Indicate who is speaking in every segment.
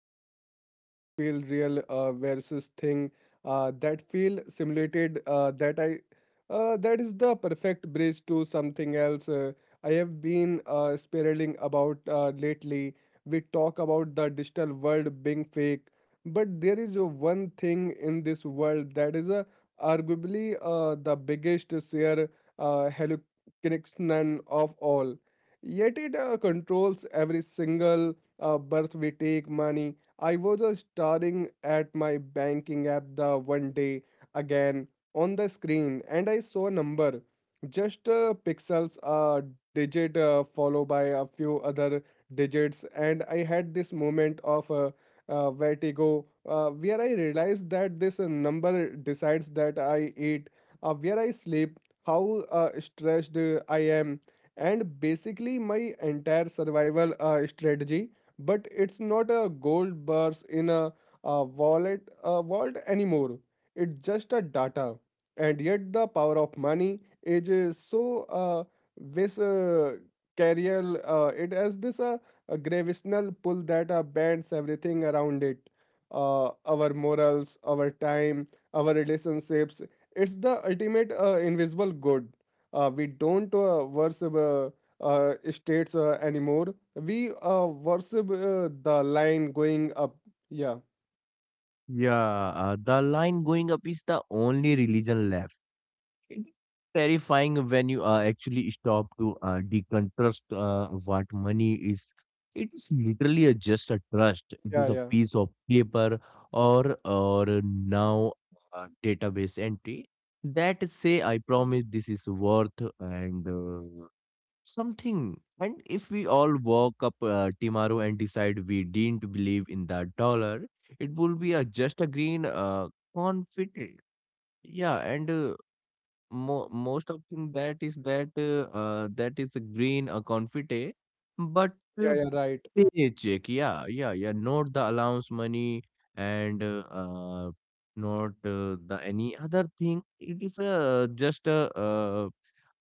Speaker 1: and things that feel real versus thing that feel simulated, that is the perfect bridge to something else. I have been spiraling about lately. We talk about the digital world being fake, but there is a one thing in this world that is arguably the biggest share hallucination of all. Yet it controls every single birth we take money. I was staring at my banking app the one day again on the screen, and I saw a number, just pixels, a digit followed by a few other digits. And I had this moment of vertigo where I realized that this number decides that I eat, where I sleep, how stressed I am, and basically my entire survival strategy. But it's not a gold bars in a wallet, a vault anymore. It's just a data. And yet the power of money, it is so this carrier, it has this a gravitational pull that bends everything around it. Uh, our morals, our time, our relationships. It's the ultimate invisible good. Uh, we don't worship states anymore. We worship the line going up. Yeah.
Speaker 2: Yeah, the line going up is the only religion left. It's terrifying when you actually stop to deconstruct what money is. It is literally a, just a trust. It
Speaker 1: Yeah,
Speaker 2: is a
Speaker 1: yeah.
Speaker 2: piece of paper or now a database entry that say I promise this is worth and uh, something, and if we all woke up tomorrow and decide we didn't believe in the dollar, it will be a, just a green confit. Yeah, and most of thing that is that that is a green a confit. But
Speaker 1: Yeah,
Speaker 2: uh,
Speaker 1: yeah, right.
Speaker 2: paycheck, yeah, yeah, yeah, not the allowance money. And not the any other thing, it is just a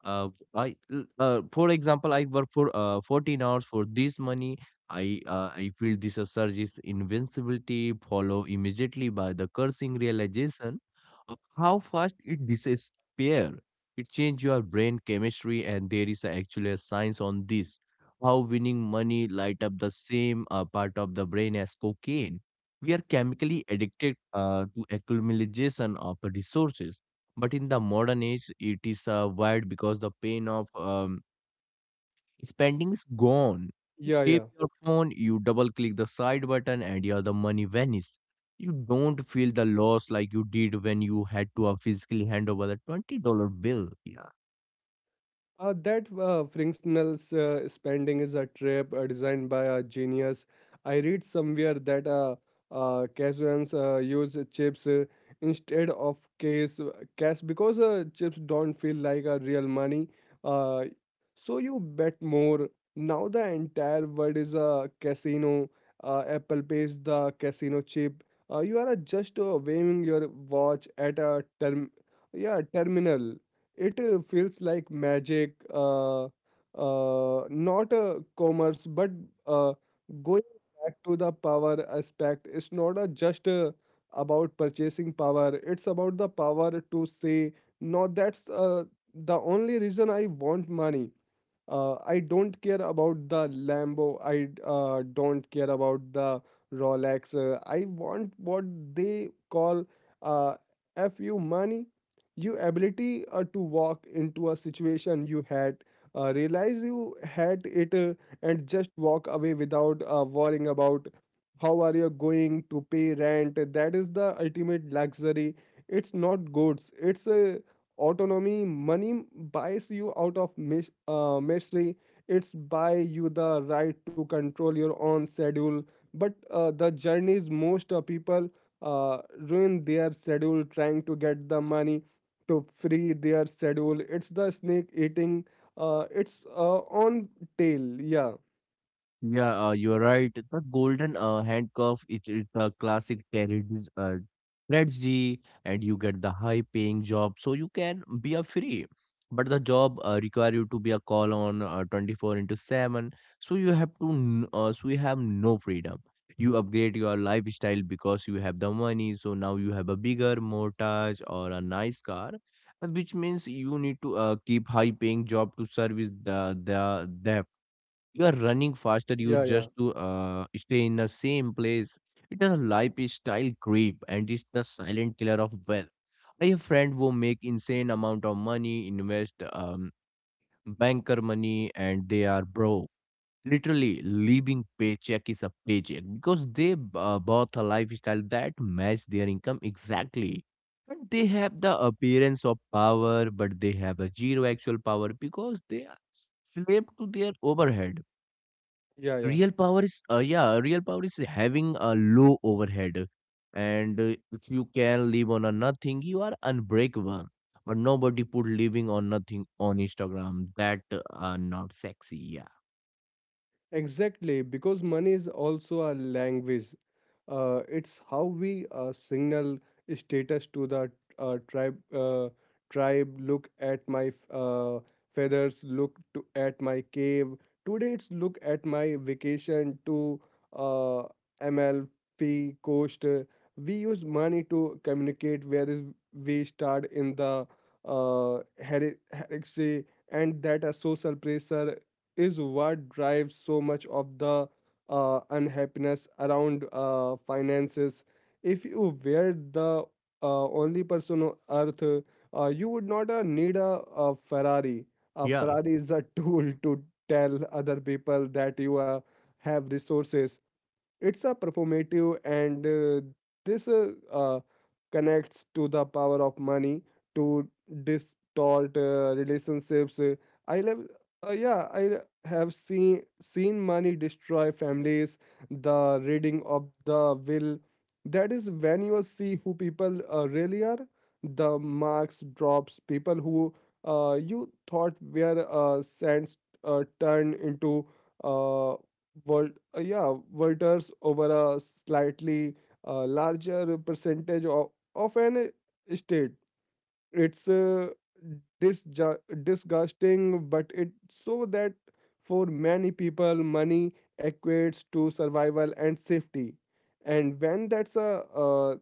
Speaker 2: uh, for example, I work for 14 hours for this money. I feel this surge is invincibility, follow immediately by the cursing realization of how fast it disappear. It change your brain chemistry, and there is actually a science on this. How winning money light up the same part of the brain as cocaine. We are chemically addicted to accumulation of resources, but in the modern age, it is wide because the pain of spending is gone.
Speaker 1: Yeah,
Speaker 2: You tap
Speaker 1: yeah.
Speaker 2: your phone, you double click the side button, and your the money vanishes. You don't feel the loss like you did when you had to physically hand over the $20 bill. Yeah.
Speaker 1: That frictional spending is a trap designed by a genius. I read somewhere that Casuans use chips instead of cash, because chips don't feel like a real money. Uh, so you bet more. Now the entire world is a casino. Apple pays the casino chip. You are just waving your watch at a terminal. It feels like magic, not a commerce, but uh, going back to the power aspect. It's not a just about purchasing power. It's about the power to say, no, that's the only reason I want money. Uh, I don't care about the Lambo. I don't care about the Rolex. I want what they call uh, FU money. Your ability to walk into a situation you had, realize you had it, and just walk away without worrying about how are you going to pay rent. That is the ultimate luxury. It's not goods. It's autonomy money buys you out of misery. It's buy you the right to control your own schedule, but the journeys most people ruin their schedule trying to get the money to free their schedule. It's the snake eating its own tail. Yeah,
Speaker 2: Yeah, you're right. The golden handcuff is it's a classic terrorist strategy, and you get the high-paying job, so you can be a free. But the job require you to be a call on 24 into 7, so you have to so you have no freedom. You upgrade your lifestyle because you have the money, so now you have a bigger mortgage or a nice car, which means you need to keep high-paying job to service the debt. You are running faster you
Speaker 1: yeah, yeah,
Speaker 2: just to stay in the same place. It is a lifestyle creep, and it's the silent killer of wealth. I have friend who make insane amount of money invest, banker money, and they are broke, literally living paycheck is a paycheck because they bought a lifestyle that match their income exactly. And they have the appearance of power, but they have a zero actual power because they are slave to their overhead.
Speaker 1: yeah, yeah,
Speaker 2: Real power is, yeah, real power is having a low overhead. And if you can live on a nothing, you are unbreakable. But nobody put living on nothing on Instagram. That are not sexy. Yeah.
Speaker 1: exactly, because money is also a language. It's how we signal status to the tribe. Tribe, look at my feathers. Look at my cave. Today, it's look at my vacation to uh, MLP coast. We use money to communicate, whereas we start in the heresy, and that a social pressure is what drives so much of the unhappiness around finances. If you were the only person on earth, you would not need a Ferrari. A
Speaker 2: Yeah.
Speaker 1: Ferrari is a tool to tell other people that you have resources. It's a performative, and this connects to the power of money to distort relationships. I love, yeah, I have seen money destroy families. The reading of the will, that is when you see who people really are. The marks drops people who you thought were saints turn into uh, world, yeah, voters over a slightly a larger percentage of an state. It's disgusting, but it's so that for many people, money equates to survival and safety. And when that's a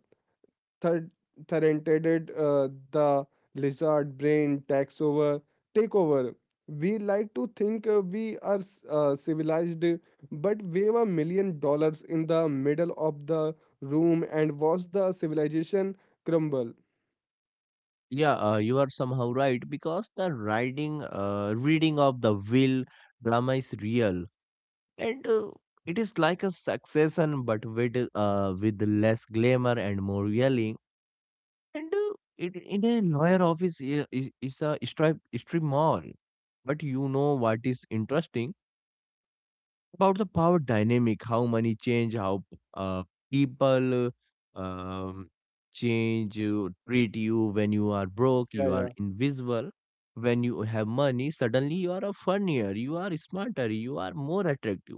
Speaker 1: third threatened, the lizard brain takes over. Take over. We like to think we are civilized, but wave $1 million in the middle of the room and watch the civilization crumble.
Speaker 2: Yeah, you are somehow right because the writing, reading of the will drama is real, and it is like a succession, but with less glamour and more yelling. And it, in a lawyer office is a strip mall. But you know what is interesting about the power dynamic, how money change, how uh, people um, change, treat you. When you are broke,
Speaker 1: Yeah,
Speaker 2: you are
Speaker 1: yeah.
Speaker 2: invisible. When you have money, suddenly you are a funnier, you are smarter, you are more attractive.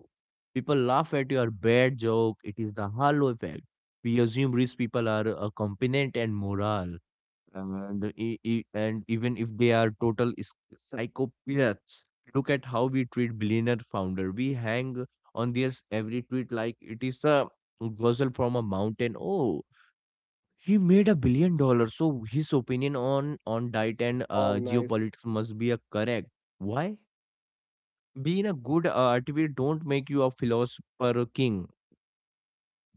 Speaker 2: People laugh at your bad joke. It is the halo effect. We assume rich people are competent and moral, and and even if they are total psychopaths, look at how we treat billionaire founder. We hang on their every tweet like it is a gospel from a mountain. Oh, he made $1 billion, so his opinion on diet and
Speaker 1: Wow, nice.
Speaker 2: geopolitics must be a correct. Why? Being a good athlete don't make you a philosopher king.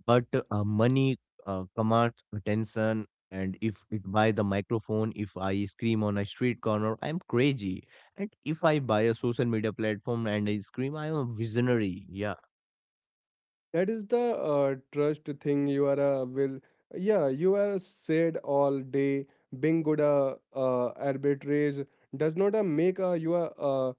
Speaker 2: But money commands attention, and if it buy the microphone, if I scream on a street corner, I'm crazy. And if I buy a social media platform and I scream, I'm a visionary. Yeah,
Speaker 1: That is the trust thing. You are a will. Yeah, you are said all day. Being good arbitrage does not make you a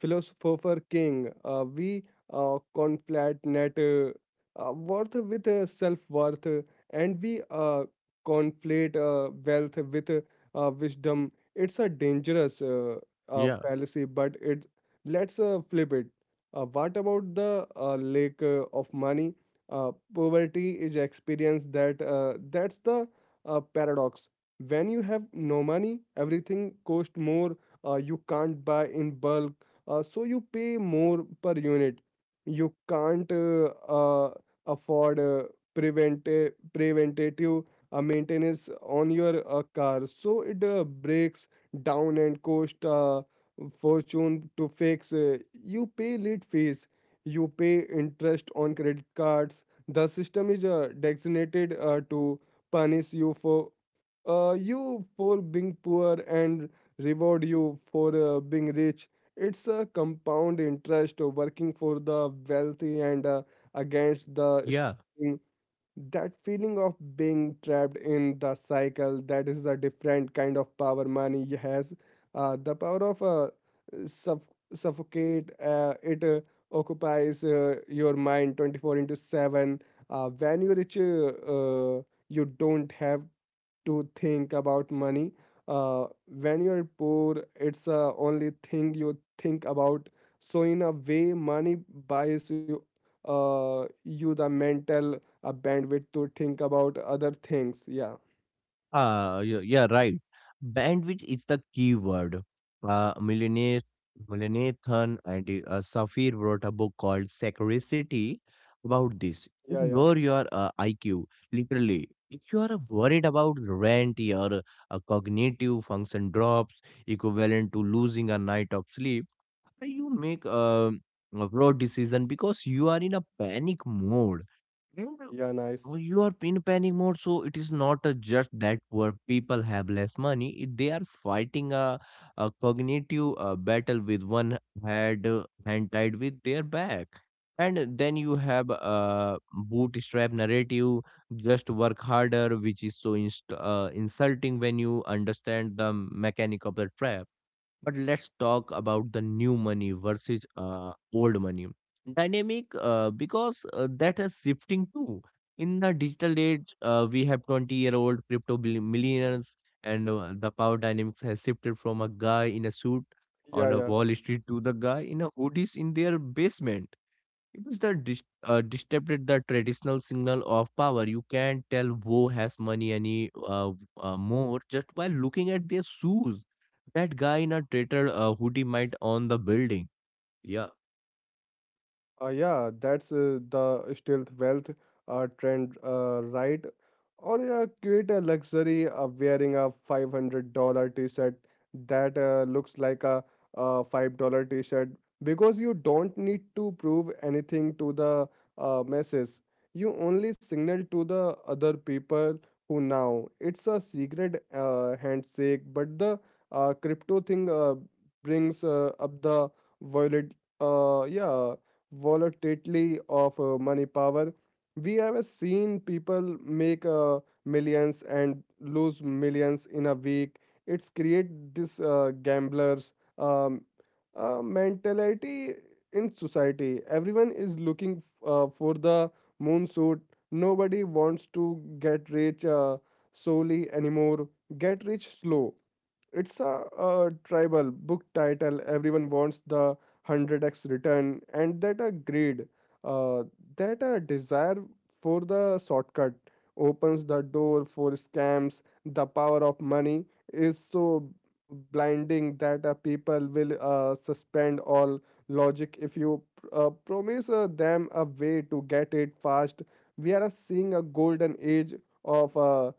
Speaker 1: philosopher king. We conflate net worth with self worth, and we conflate wealth with wisdom. It's a dangerous
Speaker 2: yeah,
Speaker 1: fallacy, but it let's flip it. What about the lake of money? Poverty is experience that's the paradox. When you have no money, everything costs more. Uh, you can't buy in bulk, so you pay more per unit. You can't uh, afford preventative maintenance on your car. So it breaks down and cost fortune to fix. You pay late fees. You pay interest on credit cards. The system is designated to punish you for being poor and reward you for being rich. It's a compound interest of working for the wealthy and against the
Speaker 2: yeah.
Speaker 1: struggling. That feeling of being trapped in the cycle, that is a different kind of power money has. The power of suff- suffocate, it occupies your mind 24 into 7. When you reach, uh, you don't have to think about money. When you're poor, it's the only thing you think about. So in a way, money buys you the mental bandwidth to think about other things. Yeah,
Speaker 2: Ah, yeah, yeah, right. Bandwidth is the key word. Millionaire, Millenathan and Safir wrote a book called Scarcity about this.
Speaker 1: yeah, yeah,
Speaker 2: Ignore your IQ, literally. If you are worried about rent, your cognitive function drops, equivalent to losing a night of sleep. You make a broad decision because you are in a panic mode.
Speaker 1: yeah. Nice.
Speaker 2: Well, you are in panic mode, so it is not just that poor people have less money. It, they are fighting a cognitive battle with one head hand tied with their back. And then you have a bootstrap narrative, just work harder, which is so insulting when you understand the mechanic of the trap. But let's talk about the new money versus old money dynamic because that is shifting too. In the digital age, we have 20-year-old crypto millionaires, and the power dynamics has shifted from a guy in a suit
Speaker 1: Yeah,
Speaker 2: on a
Speaker 1: yeah.
Speaker 2: Wall Street to the guy in a hoodies in their basement. It is the disrupted the traditional signal of power. You can tell who has money any more just by looking at their shoes. That guy in a tattered hoodie might own the building. Yeah,
Speaker 1: Yeah, that's the stealth wealth trend, right? Or create a luxury of wearing a $500 t-shirt that looks like a $5 t-shirt because you don't need to prove anything to the masses. You only signal to the other people who now. It's a secret handshake, but the crypto thing brings up the violet. Yeah, volatility of money power. We have seen people make millions and lose millions in a week. It's create this gamblers um, mentality in society. Everyone is looking for the moon suit. Nobody wants to get rich slowly anymore. Get rich slow, it's a, tribal book title. Everyone wants the 100x return, and that a greed, uh, that a desire for the shortcut opens the door for scams. The power of money is so blinding that people will suspend all logic if you promise them a way to get it fast. We are seeing a golden age of. Uh,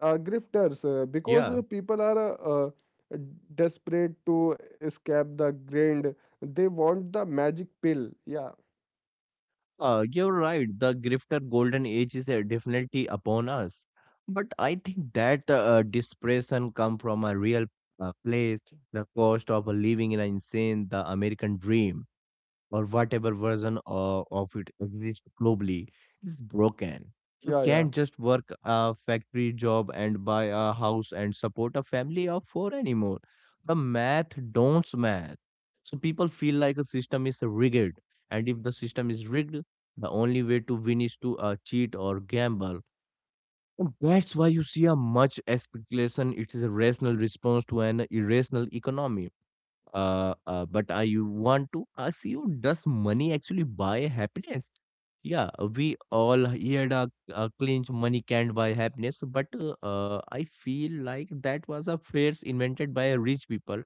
Speaker 1: uh, Grifters because
Speaker 2: yeah.
Speaker 1: people are uh, desperate to escape the grind. They want the magic pill. Yeah,
Speaker 2: You're right. The grifter golden age is definitely upon us. But I think that depression come from a real place. The cost of living in a insane, the American dream or whatever version of it exists globally is broken. You
Speaker 1: yeah, yeah,
Speaker 2: can't just work a factory job and buy a house and support a family of four anymore. The math don't math. So people feel like a system is rigged, and if the system is rigged, the only way to win is to cheat or gamble. And that's why you see a much speculation. It is a rational response to an irrational economy, but I want to ask you, does money actually buy happiness? Yeah, we all heard a clinch money can't buy happiness, but I feel like that was a phrase invented by rich people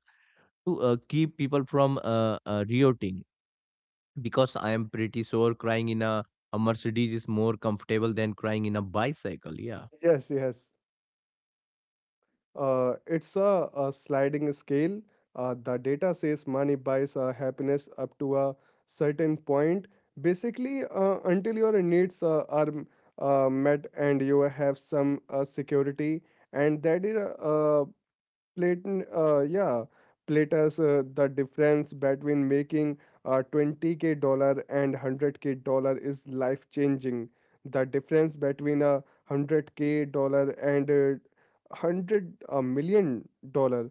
Speaker 2: to keep people from rioting. Because I am pretty sure crying in a Mercedes is more comfortable than crying in a bicycle. Yeah,
Speaker 1: yes, yes. Uh, it's a sliding scale. Uh, the data says money buys happiness up to a certain point, basically until your needs are met, and you have some security. And that is Platon, uh, yeah, Plato's. Uh, the difference between making 20k dollar and 100k dollar is life changing. The difference between a 100k dollar and 100 $1 million,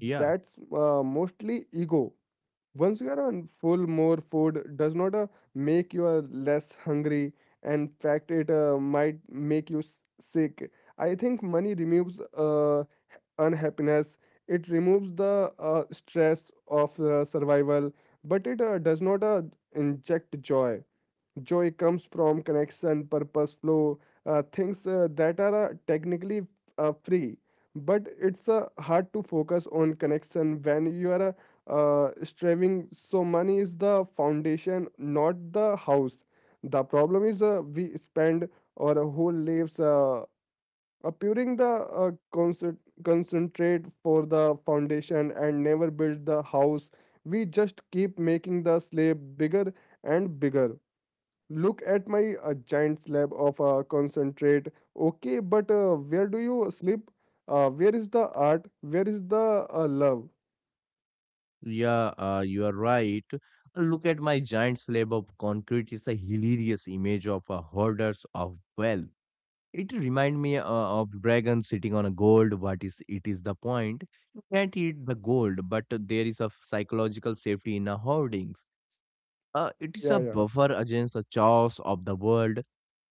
Speaker 2: yeah.
Speaker 1: that's mostly ego. Once you are on full, more food does not make you less hungry. In fact, it might make you sick. I think money removes unhappiness. It removes the stress of survival, but it does not inject joy. Joy comes from connection, purpose, flow, things that are technically free, but it's hard to focus on connection when you are striving. So, money is the foundation, not the house. The problem is we spend our whole lives appearing the concentrate for the foundation and never build the house. We just keep making the slab bigger and bigger. Look at my giant slab of concentrate. Okay, but where do you sleep? Uh, where is the art? Where is the love?
Speaker 2: Yeah, you are right. Look at my giant slab of concrete. It's a hilarious image of a hoarders of wealth. It remind me of dragon sitting on a gold. What is it is the point? You can't eat the gold, but there is a psychological safety in a hoardings. It is a
Speaker 1: Yeah, yeah,
Speaker 2: buffer against the chaos of the world.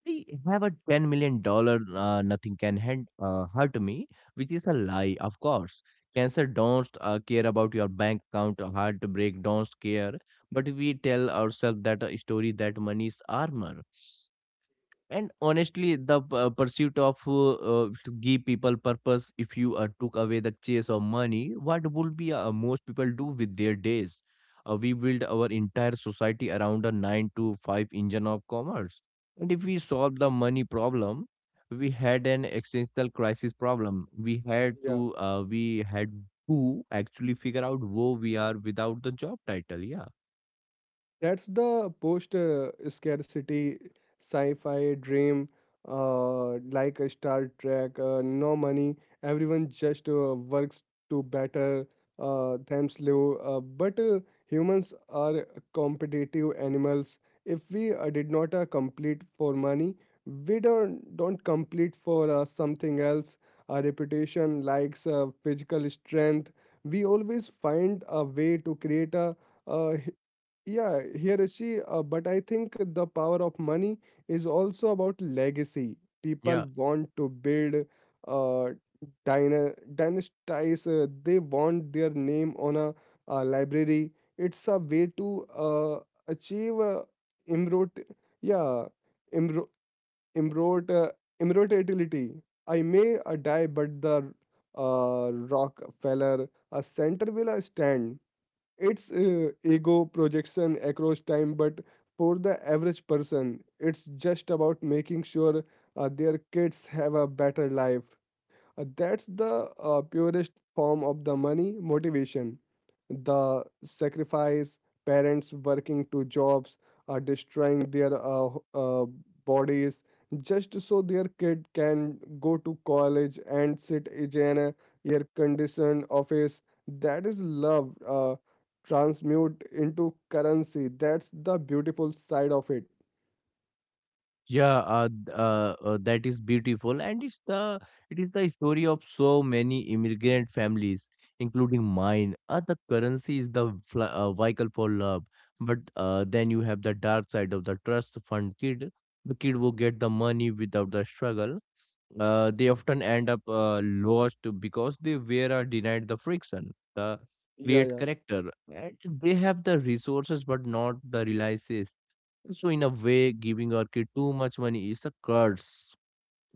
Speaker 2: I have a $10 million. Nothing can hurt me, which is a lie, of course. Cancer don't care about your bank account. Or Heartbreak don't care. But we tell ourselves that a story that money is armor. And honestly, the pursuit of to give people purpose, if you took away the chase of money, what would be most people do with their days? We build our entire society around a 9 to 5 engine of commerce. And if we solve the money problem, we had an existential crisis problem.
Speaker 1: yeah.
Speaker 2: We had to actually figure out who we are without the job title.
Speaker 1: That's the post scarcity sci fi dream, like a Star Trek, no money, everyone just works to better themselves. But humans are competitive animals. If we did not complete for money, we don't complete for something else. Our reputation, likes, physical strength. We always find a way to create a uh, yeah, here is she. But I think the power of money is also about legacy. People
Speaker 2: Yeah.
Speaker 1: want to build, uh, dynasties. They want their name on a, library. It's a way to achieve immortality. Yeah, immor- immort- uh, immortality. I may die, but the Rockefeller Center will stand. It's ego projection across time, but for the average person, it's just about making sure their kids have a better life. That's the purest form of the money motivation. The sacrifice, parents working 2 jobs, are destroying their bodies just so their kid can go to college and sit in a air conditioned office. That is love transmute into currency. That's the beautiful side of it.
Speaker 2: Yeah, that is beautiful, and it's the it is the story of so many immigrant families, including mine. The currency is the vehicle for love, but then you have the dark side of the trust fund kid, the kid who get the money without the struggle. They often end up lost because they were denied the friction, the
Speaker 1: Yeah,
Speaker 2: create
Speaker 1: yeah,
Speaker 2: character, and they have the resources but not the realizes. So in a way, giving our kid too much money is a curse.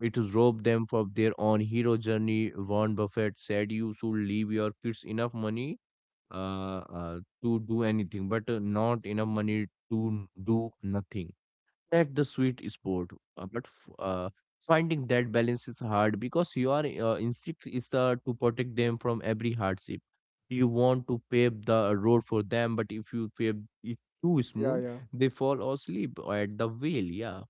Speaker 2: It robs them from their own hero journey. Warren Buffett said you should leave your kids enough money uh, to do anything, but not enough money to do nothing. That's the sweet spot. But finding that balance is hard because your instinct is to protect them from every hardship. You want to pave the road for them, but if you pave it too
Speaker 1: yeah,
Speaker 2: smooth,
Speaker 1: yeah.
Speaker 2: they fall asleep at the wheel. Yeah,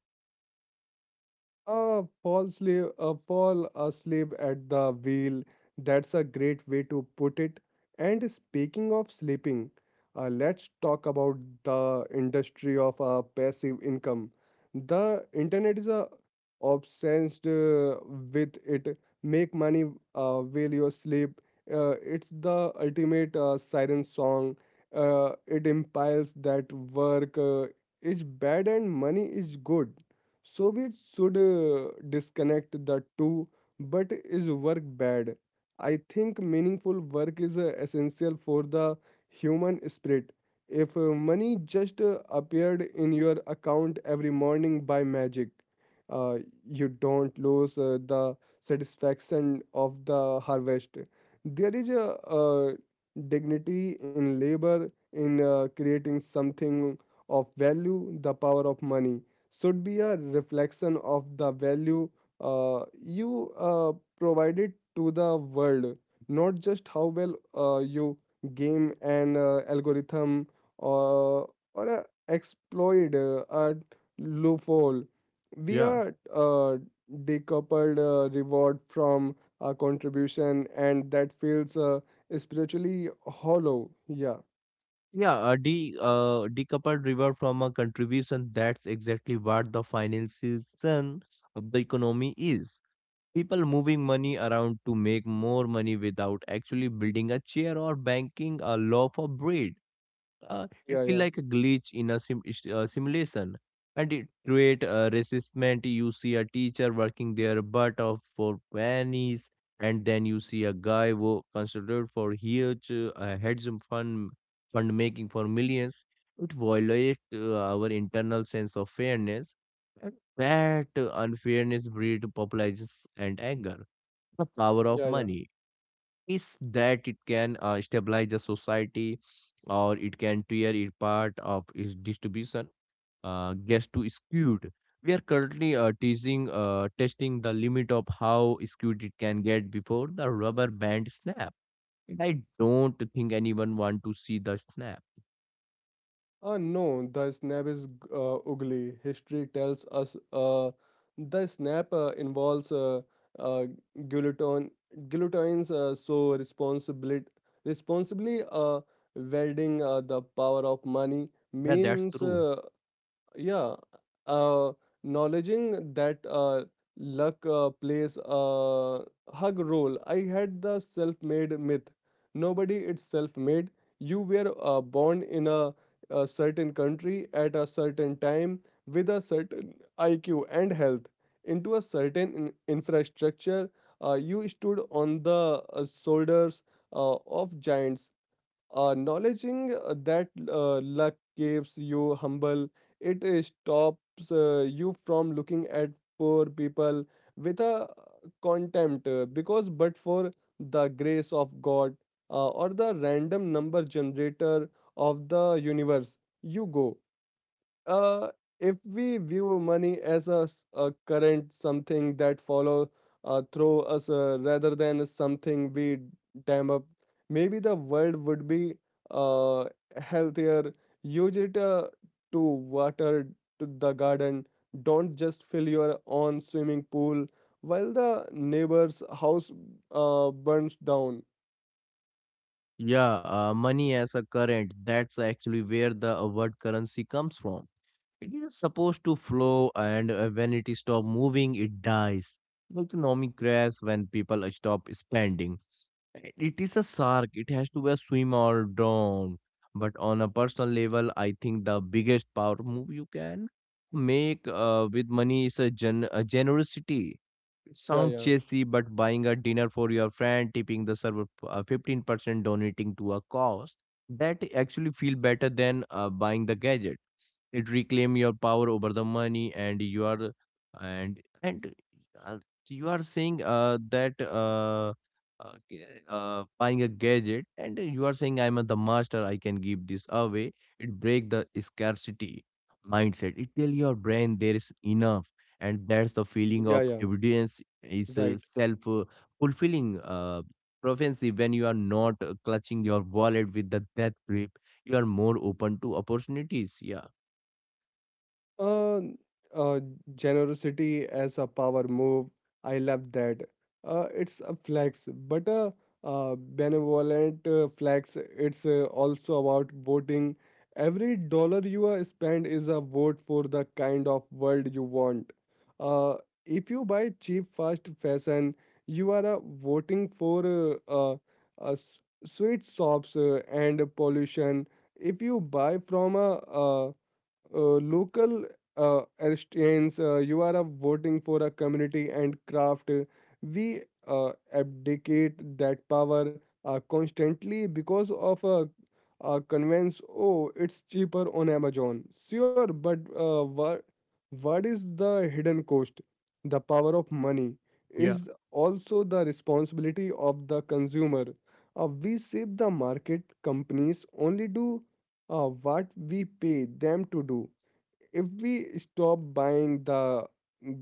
Speaker 1: Paul slave, Paul asleep at the wheel. That's a great way to put it. And speaking of sleeping, let's talk about the industry of passive income. The internet is obsessed with it. Make money while you sleep. It's the ultimate siren song. It implies that work is bad and money is good. So we should disconnect the two, but is work bad? I think meaningful work is essential for the human spirit. If money just appeared in your account every morning by magic, uh, you don't lose the satisfaction of the harvest. There is a, dignity in labor, in creating something of value, the power of money should be a reflection of the value you provided to the world, not just how well you game an algorithm or exploit a loophole. We
Speaker 2: yeah,
Speaker 1: are decoupled reward from a contribution, and that feels spiritually hollow. Yeah,
Speaker 2: yeah. A de decoupled river from a contribution. That's exactly what the financiation of the economy is. People moving money around to make more money without actually building a chair or banking a loaf of bread it
Speaker 1: yeah,
Speaker 2: feel
Speaker 1: yeah,
Speaker 2: like a glitch in a simulation, and it create a resistment. You see a teacher working their butt off for pennies, and then you see a guy wo considered for huge hedge fund making for millions. It violates our internal sense of fairness, and that unfairness breeds populism and anger. The power of
Speaker 1: yeah, yeah.
Speaker 2: money is that it can stabilize the society, or it can tear it part of its distribution gets too skewed. We are currently testing the limit of how skewed it can get before the rubber band snap. And I don't think anyone want to see the snap.
Speaker 1: No, the snap is ugly. History tells us the snap involves uh, guillotine, guillotines, so responsibility, responsibly wielding the power of money
Speaker 2: Yeah, that's
Speaker 1: means
Speaker 2: true.
Speaker 1: yeah uh acknowledging that luck plays a hug role. I had the self-made myth. Nobody it's self-made. You were born in a certain country at a certain time with a certain iq and health into a certain infrastructure. You stood on the shoulders of giants. Acknowledging that luck keeps you humble, it stops you from looking at poor people with a contempt because but for the grace of God or the random number generator of the universe, you go. uh, if we view money as a current, something that follow through us rather than something we dam up, maybe the world would be uh, healthier. Use it to water to the garden. Don't just fill your own swimming pool while the neighbor's house burns down.
Speaker 2: Yeah, money as a current, that's actually where the word currency comes from. It is supposed to flow, and when it stops moving, it dies. Like the economy crashes when people stop spending. And it is a shark, it has to be a swim or drown. But on a personal level, I think the biggest power move you can make with money is a, a generosity. It
Speaker 1: Yeah,
Speaker 2: sounds
Speaker 1: yeah,
Speaker 2: cheesy, but buying a dinner for your friend, tipping the server 15%, donating to a cause, that actually feel better than buying the gadget. It reclaim your power over the money, and you are and uh, you are saying that buying a gadget, and you are saying I'm the master, I can give this away. It break the scarcity mindset, it tell your brain there is enough. And that's the feeling
Speaker 1: yeah,
Speaker 2: of
Speaker 1: yeah,
Speaker 2: evidence is
Speaker 1: right.
Speaker 2: self fulfilling prophecy when you are not clutching your wallet with the death grip, you are more open to opportunities. Yeah.
Speaker 1: Uh, uh, Generosity as a power move. I love that. It's a flex, but a benevolent flex. It's also about voting. Every dollar you spend is a vote for the kind of world you want. Uh, if you buy cheap fast fashion, you are voting for uh, s- sweet shops and pollution. If you buy from a local Aristians, you are voting for a community and craft. We abdicate that power constantly because of a convenience. Oh, it's cheaper on Amazon. Sure, but what is the hidden cost? The power of money
Speaker 2: Yeah.
Speaker 1: is also the responsibility of the consumer. We shape the market. Companies only do what we pay them to do. If we stop buying the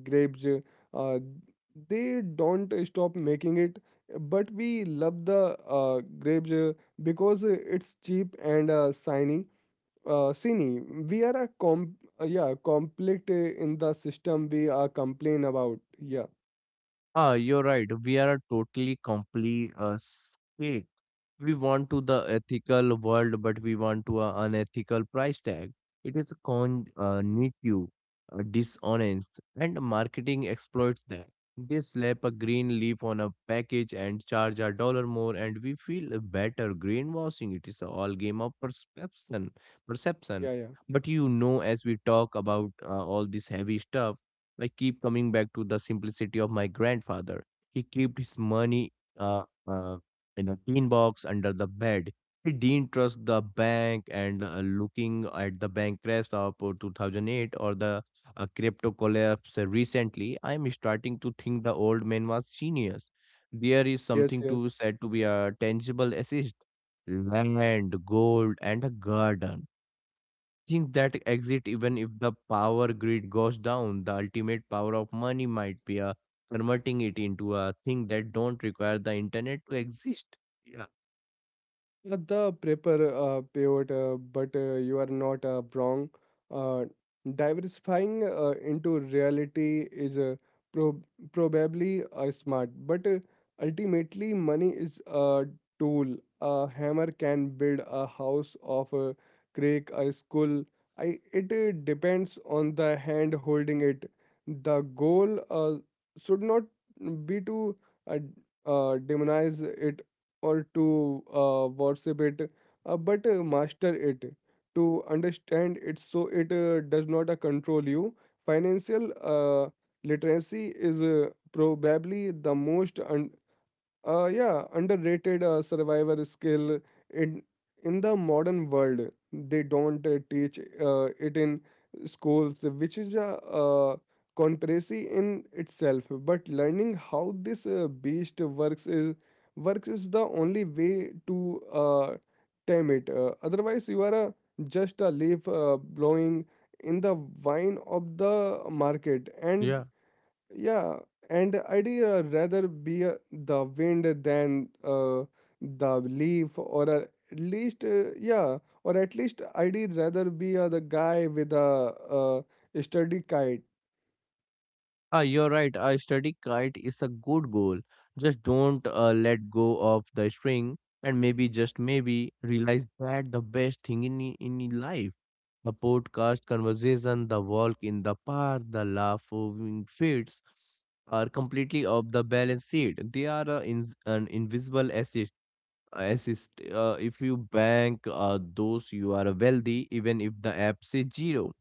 Speaker 1: grapes uh, they don't stop making it, but we love the grapes because it's cheap and shiny. Shiny, we are a conflict in the system we are complain about. Yeah,
Speaker 2: Ah, you're right. We are a totally complete, we want to the ethical world, but we want to an unethical price tag. It is con NICU, dishonest, and marketing exploits that. They slap a green leaf on a package and charge a dollar more, and we feel better. Greenwashing, it is a all game of perception.
Speaker 1: yeah, yeah,
Speaker 2: But, as we talk about all this heavy stuff, I keep coming back to the simplicity of my grandfather. He kept his money, Uh, uh, in a tin box under the bed. He didn't trust the bank, and looking at the bank crash of 2008 or the crypto collapse recently, I'm starting to think the old man was genius. There is
Speaker 1: yes,
Speaker 2: something
Speaker 1: yes.
Speaker 2: to said to be a tangible assist, land, gold, and a garden. Think that exit even if the power grid goes down, the ultimate power of money might be a converting it into a thing that don't require the internet to exist. Yeah.
Speaker 1: Not the paper payout, but you are not wrong. Uh, Diversifying into reality is prob probably smart, but ultimately, money is a tool. A hammer can build a house of a crack, a skull. It depends on the hand holding it. The goal should not be to uh, demonize it or to worship it, but master it. To understand it, so it does not control you. Financial literacy is probably the most underrated survivor skill in in the modern world. They don't teach it in schools, which is a uh, conspiracy in itself. But learning how this beast works is the only way to tame it. Otherwise, you are a, just a leaf blowing in the wine of the market, and
Speaker 2: Yeah.
Speaker 1: yeah, and I'd rather be the wind than the leaf, or or at least I'd rather be the guy with a sturdy kite.
Speaker 2: Ah, you're right. A steady kite is a good goal. Just don't let go of the string, and maybe just maybe realize that the best thing in in your life, the podcast conversation, the walk in the park, the laughing fits are completely off the balance sheet. They are an invisible asset assist. If you bank those, you are wealthy even if the app says zero,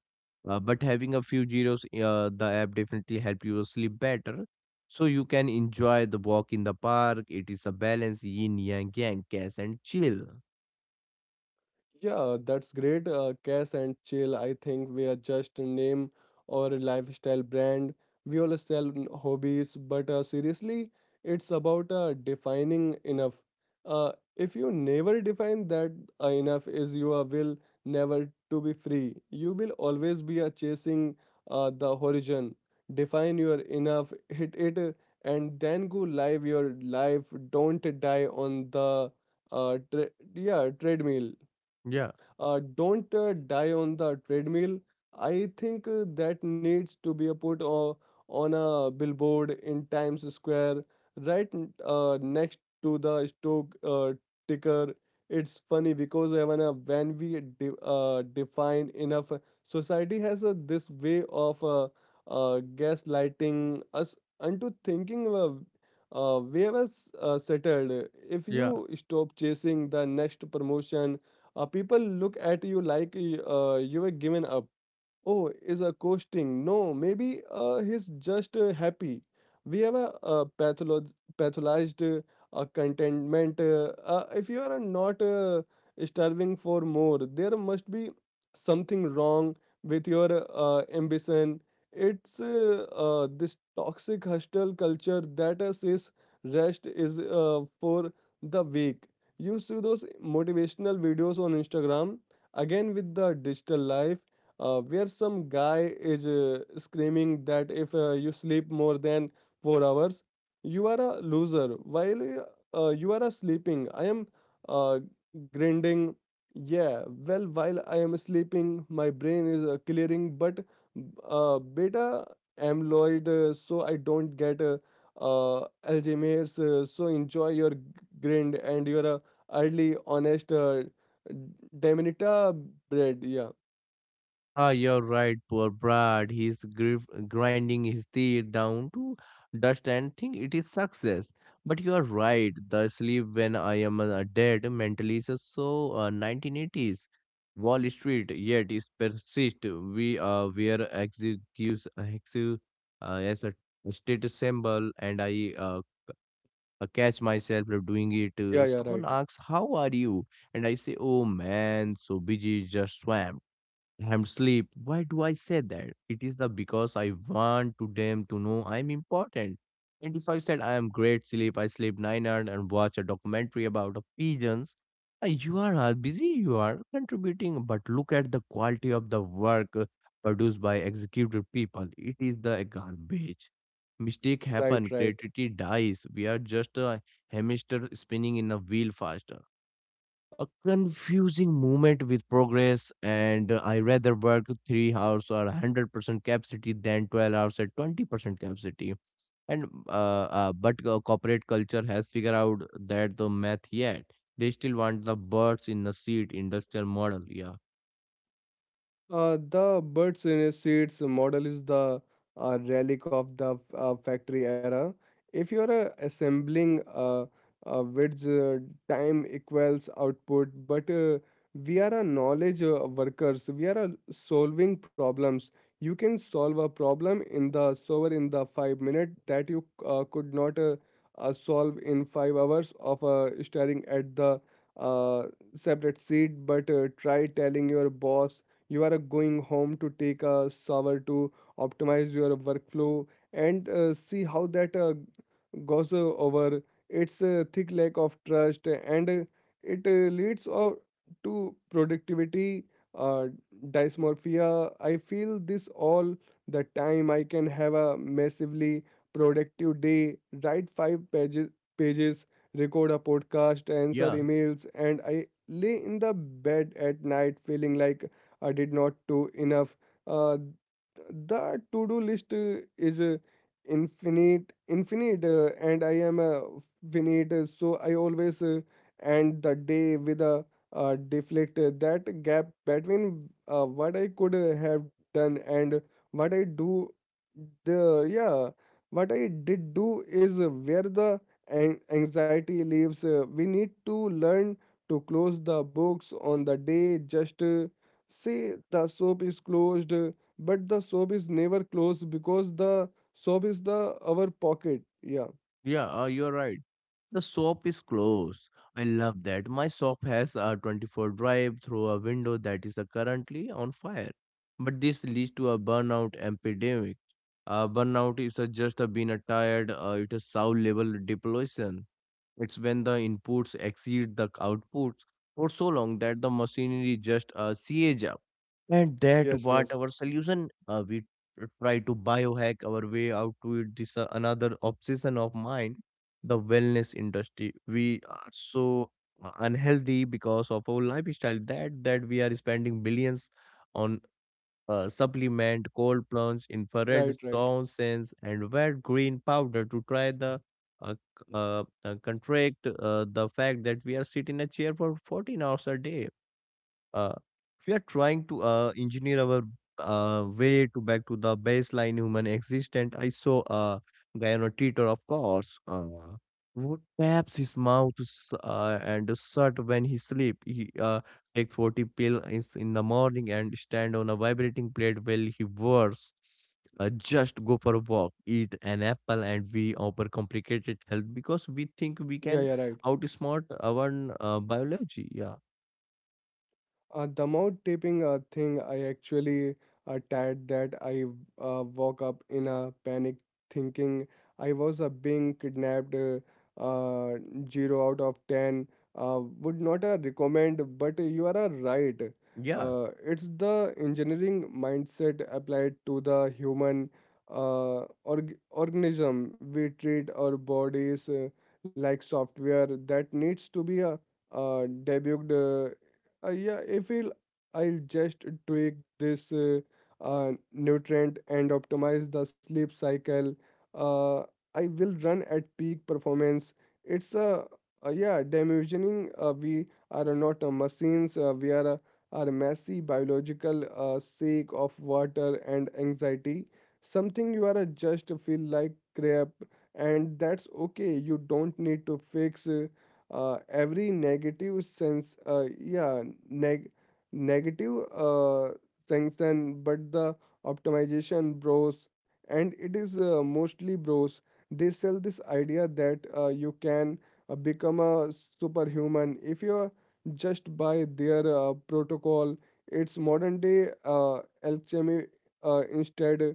Speaker 2: but having a few zeros, the app definitely help you sleep better, so you can enjoy the walk in the park. It is a balance, yin yang, cash and chill.
Speaker 1: Yeah, that's great. Cash and Chill, I think we are just a name or a lifestyle brand. We all sell hobbies, but seriously, it's about defining enough. If you never define that enough is you are will never to be free. You will always be chasing the horizon. Define your enough, hit it, and then go live your life. Don't die on the treadmill.
Speaker 2: Yeah.
Speaker 1: Don't die on the treadmill. I think that needs to be a put on a billboard in Times Square, right next to the stock ticker. It's funny because even when we define enough, society has this way of gaslighting us into thinking we have settled. If
Speaker 2: Yeah.
Speaker 1: you stop chasing the next promotion, people look at you like you were given up. Oh, is a coasting. No, maybe he's just happy. We have a, pathologized contentment. If you are not starving for more, there must be something wrong with your ambition. It's this toxic hostile culture that says rest is for the weak. You see those motivational videos on Instagram again with the digital life where some guy is screaming that if you sleep more than 4 hours, you are a loser. While you are sleeping, I am uh, grinding. Yeah, well, while I am sleeping, my brain is clearing, but beta amyloid, so I don't get Alzheimer's. So enjoy your grind and your early, honest Dementia bread. Yeah,
Speaker 2: Ah, you're right, poor Brad. He's grinding his teeth down to dust and think it is success. But you are right. The sleep when I am dead mentally is so 1980s. Wall Street yet is persist. We were execute as a status symbol, and I catch myself doing it.
Speaker 1: yeah, yeah,
Speaker 2: Someone
Speaker 1: right.
Speaker 2: asks, "How are you?" And I say, "Oh man, so busy, just swamped." I'm sleep. Why do I say that? It is the because I want to them to know I'm important. And if I said I am great sleep, I sleep 9 hours and watch a documentary about the pigeons. You are all busy, you are contributing, but look at the quality of the work produced by executive people. It is the garbage. Mistake
Speaker 1: Right,
Speaker 2: happen,
Speaker 1: right.
Speaker 2: creativity dies. We are just a hamster spinning in a wheel faster, a confusing moment with progress, and I rather work 3 hours or 100% capacity than 12 hours at 20% capacity, and but corporate culture has figured out that the math, yet they still want the birds in the seat industrial model. Yeah.
Speaker 1: The birds in a seeds model is the relic of the factory era. If you are assembling which time equals output, but we are a knowledge workers. We are solving problems. You can solve a problem in the solver in the 5 minute that you could not solve in 5 hours of staring at the uh, separate seat. But try telling your boss you are going home to take a shower to optimize your workflow and see how that goes over its thick lack of trust and it leads to productivity uh, dysmorphia. I feel this all the time. I can have a massively productive day, write five pages, record a podcast, answer
Speaker 2: Yeah.
Speaker 1: emails, and I lay in the bed at night feeling like I did not do enough. Uh, the to-do list is infinite, and I am finite. So I always end the day with a deflect. That gap between what I could have done and what I do, the yeah, what I did do is where the anxiety lives. We need to learn to close the books on the day just. Say the shop is closed, but the shop is never closed because the shop is the our pocket. Yeah.
Speaker 2: Yeah, you're right. The shop is closed. I love that. My shop has a 24 drive through a window that is currently on fire. But this leads to a burnout epidemic. Burnout is just being tired, it is soul level depletion. It's when the inputs exceed the outputs for so long that the machinery just sees up. And that
Speaker 1: Yes.
Speaker 2: what
Speaker 1: Yes.
Speaker 2: our solution, we try to biohack our way out to it. This another obsession of mine, the wellness industry. We are so unhealthy because of our lifestyle that we are spending billions on supplement, cold plunge, infrared
Speaker 1: Right. Right.
Speaker 2: sound sense, and wet green powder to try the contract the fact that we are sitting in a chair for 14 hours a day. uh, we are trying to engineer our way to back to the baseline human existence. I saw a guy on a Twitter, of course, who taps his mouth to and a shut when he sleep. He takes 40 pill is in the morning and stand on a vibrating plate while he works. Just go for a walk, eat an apple, and we overcomplicate health because we think we
Speaker 1: Yeah.
Speaker 2: can
Speaker 1: Yeah. Right.
Speaker 2: outsmart our biology. Yeah,
Speaker 1: The mouth taping thing, I actually tired that I woke up in a panic thinking I was being kidnapped. Uh, 0 out of 10 would not recommend, but you are right.
Speaker 2: yeah.
Speaker 1: It's the engineering mindset applied to the human organism. We treat our bodies like software that needs to be debugged yeah, if I'll, I'll just tweak this nutrient and optimize the sleep cycle, uh, I will run at peak performance. It's a yeah, dimensioning. We are not machines. We are are a messy biological sake of water and anxiety. Something you are just feel like crap, and that's okay. You don't need to fix. Every negative sense neg- negative sanction but the optimization bros, and it is mostly bros. They sell this idea that you can become a superhuman if you just buy their protocol. It's modern day alchemy. Instead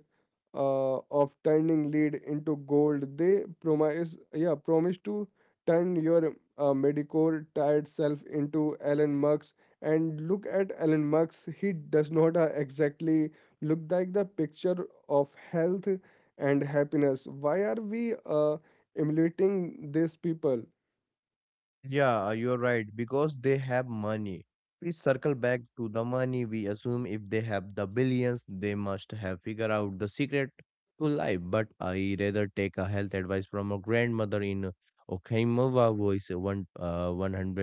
Speaker 1: of turning lead into gold, they promise to turn your Medicore tied self into Alan Murk's, and look at Alan Murk's. He does not exactly look like the picture of health and happiness. Why are we emulating these people?
Speaker 2: Yeah, you're right, because they have money. We circle back to the money. We assume if they have the billions, they must have figured out the secret to life. But I rather take a health advice from a grandmother in Okinawa who is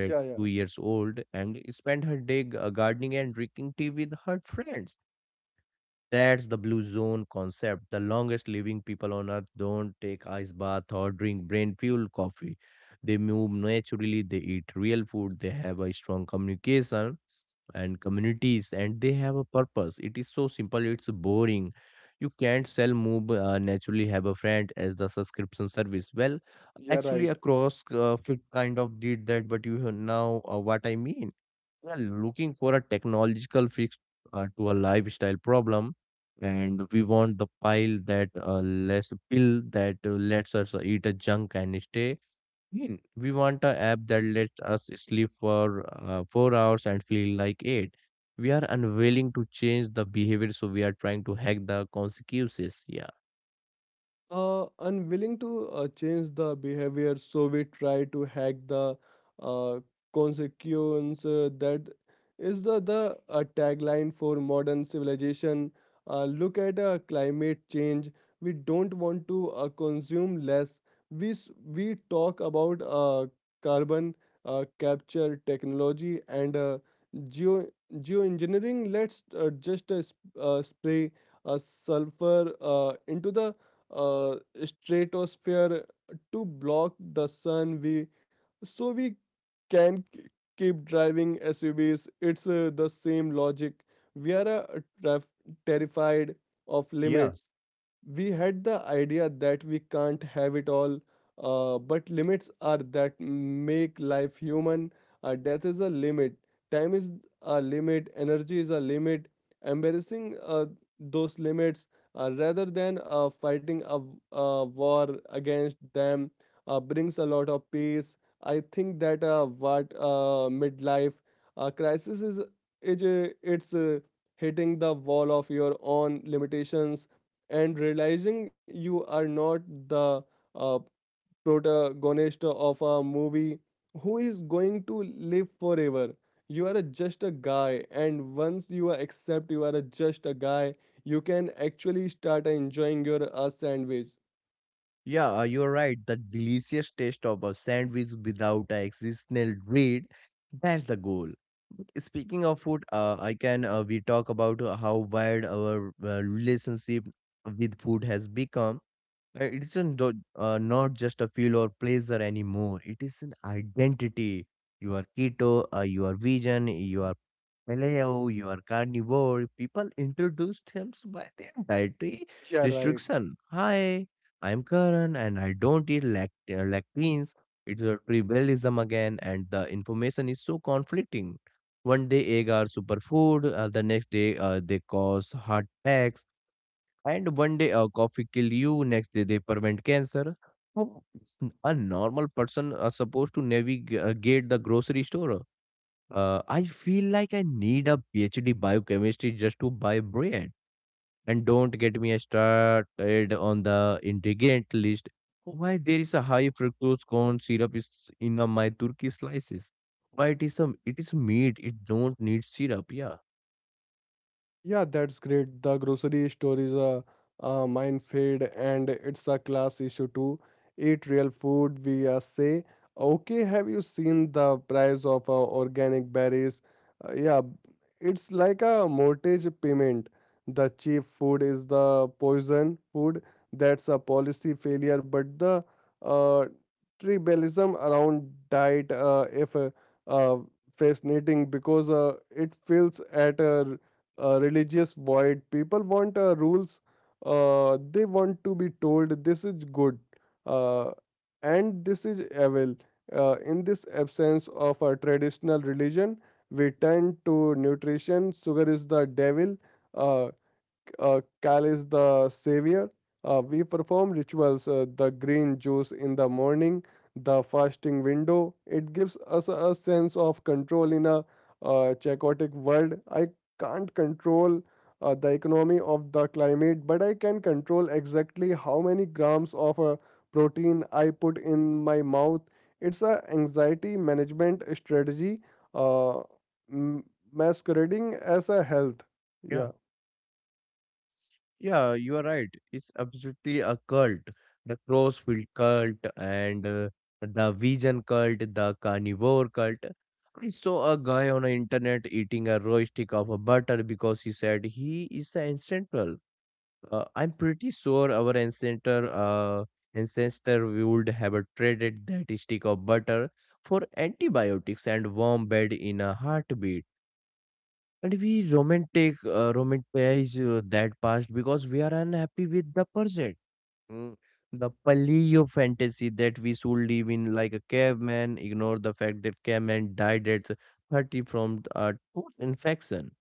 Speaker 1: Yeah, yeah,
Speaker 2: years old and spend her day gardening and drinking tea with her friends. That's the blue zone concept. The longest living people on earth don't take ice bath or drink brain fuel coffee. They move naturally, they eat real food, they have a strong communication and communities, and they have a purpose. It is so simple, it's boring. You can't sell move naturally have a friend as the subscription service. Well,
Speaker 1: yeah,
Speaker 2: actually,
Speaker 1: right.
Speaker 2: across fit kind of did that, but you have now, what I mean, are looking for a technological fix to a lifestyle problem, and we want the pile that less pill that lets us eat a junk and stay in. We want a app that lets us sleep for 4 hours and feel like 8. We are unwilling to change the behavior, so we are trying to hack the consequences. Yeah.
Speaker 1: Unwilling to change the behavior, so we try to hack the uh, consequence. That is the tagline for modern civilization. Look at climate change. We don't want to consume less. We s- we talk about carbon capture technology and geo geoengineering. Let's just spray sulfur into the uh, stratosphere to block the sun we can k- keep driving SUVs. It's the same logic. We are terrified of limits. We had the idea that we can't have it all, but limits are that make life human. Death is a limit, time is a limit, energy is a limit. Embarrassing those limits rather than fighting a, a war against them brings a lot of peace. I think that what midlife crisis is it's hitting the wall of your own limitations and realizing you are not the uh, protagonist of a movie who is going to live forever. You are a- just a guy, and once you accept you are a- just a guy, you can actually start enjoying your sandwich.
Speaker 2: Yeah, you are right. The delicious taste of a sandwich without an existential dread, that's the goal. But speaking of food, I can we talk about how wide our relationship with food has become. It isn't not just a feel or pleasure anymore. It is an identity. You are keto, you are vegan, you are Galileo, you are carnivore. People introduced him by their dietary
Speaker 1: Yeah, right.
Speaker 2: restriction. Hi, I'm Karan and I don't eat lacteins. It's a tribalism again, and the information is so conflicting. One day egg are superfood, the next day they cause heart attacks, and one day coffee kill you, next day they prevent cancer. How is a normal person are supposed to navigate the grocery store? I feel like I need a PhD biochemistry just to buy bread. And don't get me started on the ingredient list. Why there is a high fructose corn syrup is in a my turkey slices? Why it is some it is meat. It don't need syrup. Yeah,
Speaker 1: Yeah, that's great. The grocery store is a minefield, and it's a class issue too. Eat real food, we say. Okay, have you seen the price of organic berries? Yeah, it's like a mortgage payment. The cheap food is the poison food. That's a policy failure, but the uh, tribalism around diet if uh, fascinating because it feels at a religious void. People want rules. They want to be told this is good uh, and this is evil. In this absence of a traditional religion, we turn to nutrition. Sugar is the devil. Uh, Kal is the savior. We perform rituals, the green juice in the morning, the fasting window. It gives us a sense of control in a chaotic world. I can't control the economy of the climate, but I can control exactly how many grams of protein I put in my mouth. It's a anxiety management strategy uh, m- masquerading as a health.
Speaker 2: yeah.
Speaker 1: Yeah.
Speaker 2: Yeah, you are right. It's absolutely a cult. The Crossfield cult, and the vegan cult, the carnivore cult. I saw a guy on the internet eating a raw stick of a butter because he said he is an ancestral. I'm pretty sure our ancestor would have traded that stick of butter for antibiotics and warm bed in a heartbeat. And we romanticize that past because we are unhappy with the present. Mm. The paleo fantasy that we should live in like a caveman, ignore the fact that caveman died at 30 from a tooth infection.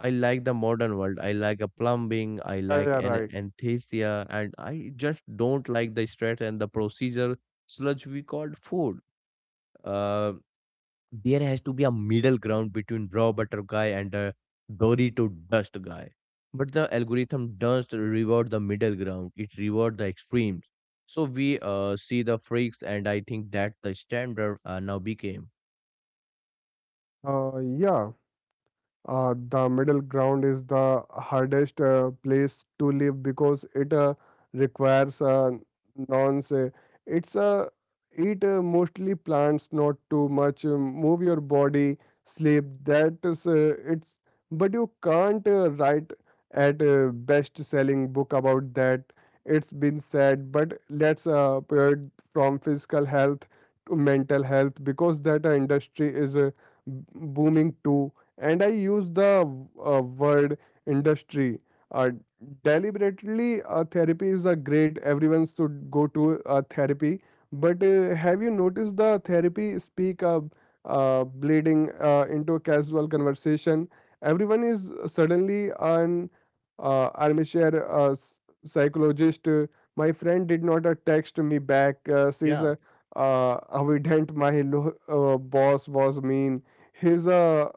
Speaker 2: I like the modern world. I like a plumbing. I
Speaker 1: Yeah, yeah,
Speaker 2: like
Speaker 1: right.
Speaker 2: an anesthesia, and I just don't like the stress and the procedure sludge we called food. Uh, there has to be a middle ground between raw butter guy and a Dorito dust guy. But the algorithm doesn't reward the middle ground; it rewards the extremes. So we see the freaks, and I think that the standard now became.
Speaker 1: Uh, yeah, the middle ground is the hardest place to live because it requires nonce. It's eat mostly plants, not too much. Move your body, sleep. That is it's. But you can't write at a best-selling book about that. It's been said, but let's pivot from physical health to mental health because that industry is booming too, and I use the word industry uh, deliberately. Therapy is a great. Everyone should go to therapy. But have you noticed the therapy speak bleeding into a casual conversation? Everyone is suddenly an armchair psychologist. My friend did not text me back.
Speaker 2: Yeah.
Speaker 1: Evident my boss was mean. His a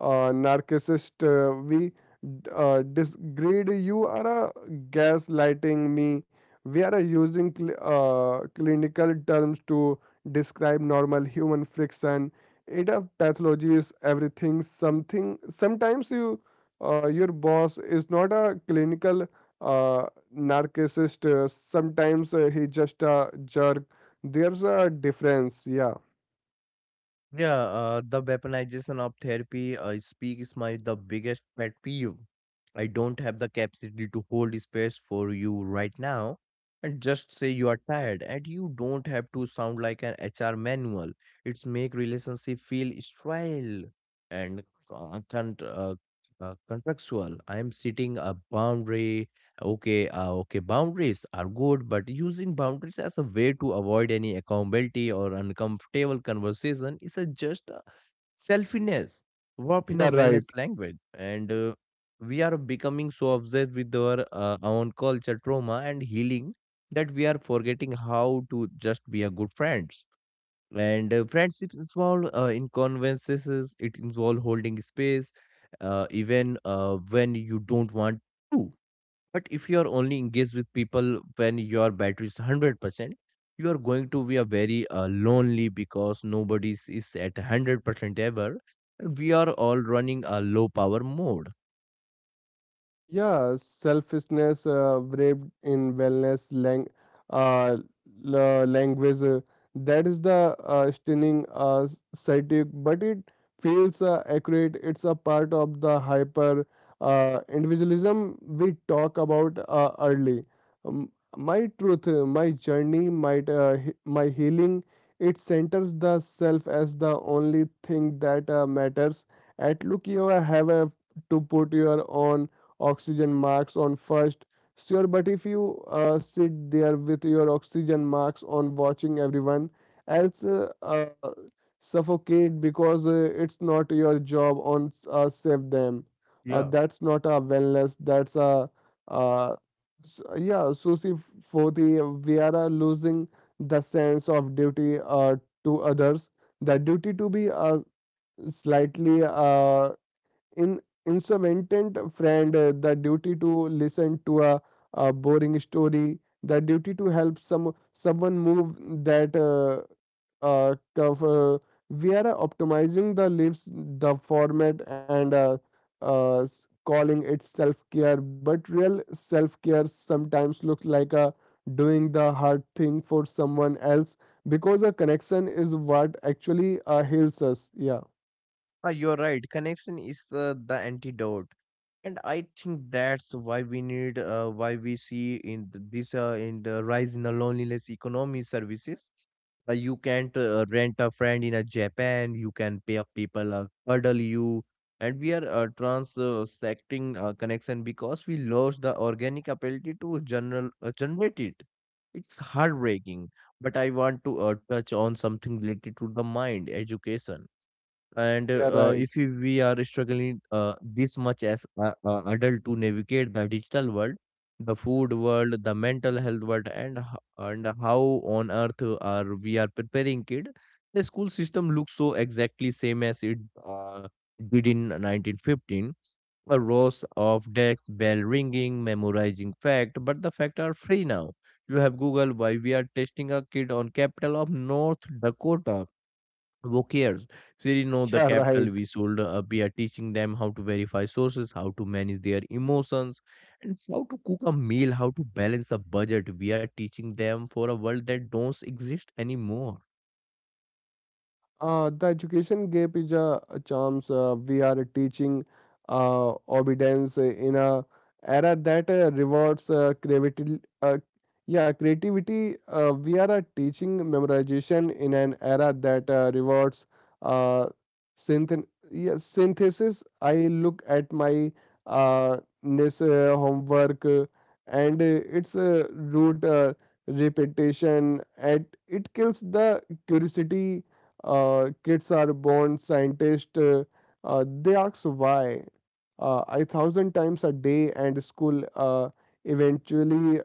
Speaker 1: narcissist. We disgrade you are gaslighting me. We are using clinical terms to describe normal human friction. It of pathology is everything. Something sometimes you your boss is not a clinical uh, narcissist. Sometimes he just a jerk. There's a difference. Yeah.
Speaker 2: Yeah, the weaponization of therapy, I speak is my the biggest pet peeve. I don't have the capacity to hold space for you right now. And just say you are tired, and you don't have to sound like an HR manual. It's make relationship feel sterile and con- con- uh, contractual. I am setting a boundary. Okay, okay. Boundaries are good, but using boundaries as a way to avoid any accountability or uncomfortable conversation is a just a selfishness, warp in a
Speaker 1: Yeah,
Speaker 2: wellness
Speaker 1: right.
Speaker 2: language. And We are becoming so obsessed with our own culture, trauma, and healing that we are forgetting how to just be a good friends. And Friendships involve in conversations. It involves holding space, even when you don't want to. But if you are only engaged with people when your battery is 100%, you are going to be a very lonely because nobody is at 100% ever. We are all running a low power mode.
Speaker 1: Yeah, selfishness wrapped in wellness uh, language. That is the stunning static, but it feels accurate. It's a part of the hyper individualism we talk about early. Um, my truth, my journey, my healing, it centers the self as the only thing that matters. At look, you have a, to put your own oxygen marks on first. So, sure, but if you sit there with your oxygen marks on watching everyone else suffocate because it's not your job on save them.
Speaker 2: Yeah.
Speaker 1: That's not a wellness. That's a uh, yeah. So for the we are losing the sense of duty to others. The duty to be slightly in instrumentant friend, the duty to listen to a boring story, the duty to help someone move that curve, we are optimizing the lips the format, and calling it self-care. But real self-care sometimes looks like a doing the hard thing for someone else because a connection is what actually heals us. Yeah,
Speaker 2: Ah, you're right. Connection is the antidote, and I think that's why we need, why we see in this in the rise in the loneliness economy services. You can't rent a friend in a Japan. You can pay up people cuddle you, and we are transacting connection because we lost the organic ability to general generate it. It's heartbreaking, but I want to touch on something related to the mind education and
Speaker 1: yeah, right.
Speaker 2: if we are struggling this much as adult to navigate the digital world, the food world, the mental health world, and how on earth are we are preparing kid. The school system looks so exactly same as it uh, did in 1915. A rows of decks, bell ringing, memorizing fact, but the fact are free now. You have Google. Why we are testing a kid on capital of North Dakota? Who cares? They didn't know the
Speaker 1: Yeah, right.
Speaker 2: capital. We should be teaching them how to verify sources, how to manage their emotions, and how to cook a meal, how to balance a budget. We are teaching them for a world that don't exist anymore.
Speaker 1: The education gap is a chance. We are teaching obedience in a era that rewards creativity. We are teaching memorization in an era that rewards uh, synth- yeah, synthesis. I look at my this homework and its root repetition, and it kills the curiosity. Kids are born scientists. They ask why a thousand times a day, and school eventually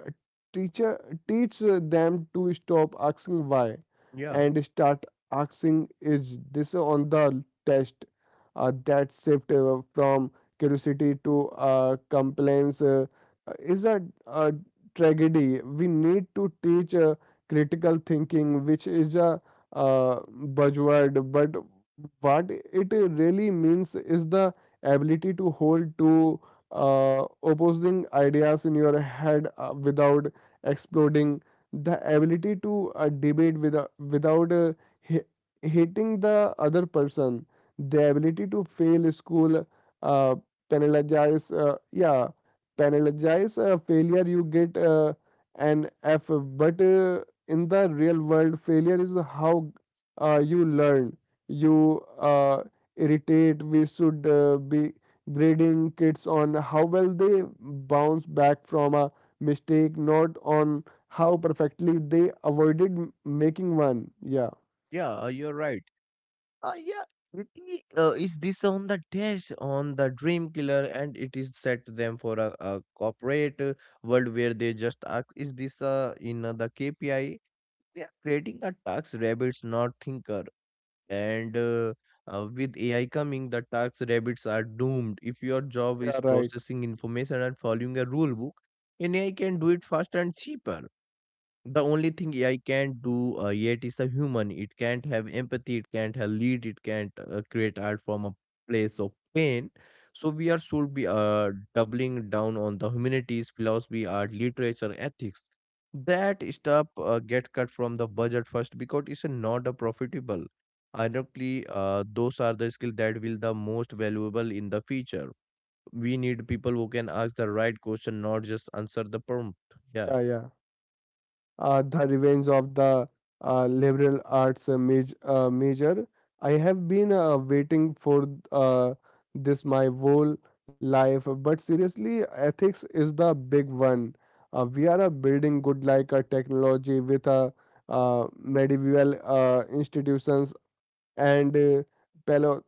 Speaker 1: teacher teach them to stop asking why
Speaker 2: Yeah,
Speaker 1: and start asking is this on the test. That shift from curiosity to complaints is a tragedy. We need to teach critical thinking, which is a buzzword, but what it really means is the ability to hold two opposing ideas in your head without exploding, the ability to debate without hi- hating the other person, the ability to fail school, uh, penalize, penalize failure, you get an F, but in the real world failure is how you learn. You uh, irritate we should be grading kids on how well they bounce back from a mistake, not on how perfectly they avoided making one. Yeah,
Speaker 2: yeah, you're right. Uh, yeah, is this on the test on the dream killer, and it is set them for a corporate world where they just ask, is this in the KPI? They are creating a tax rabbits, not thinker. And With AI coming, the tax rabbits are doomed. If your job
Speaker 1: yeah,
Speaker 2: is
Speaker 1: right.
Speaker 2: processing information and following a rule book, an AI can do it faster and cheaper. The only thing AI can't do yet is a human. It can't have empathy, it can't have lead, it can't create art from a place of pain. So we are should be doubling down on the humanities, philosophy, art, literature, ethics. That stuff gets cut from the budget first because it's not a profitable. Ironically, those are the skills that will the most valuable in the future. We need people who can ask the right question, not just answer the prompt. Yeah.
Speaker 1: Yeah, yeah. The Revenge of the Liberal Arts Major. I have been waiting for this my whole life, but seriously, ethics is the big one. We are building good like a technology with a medieval institutions and paleo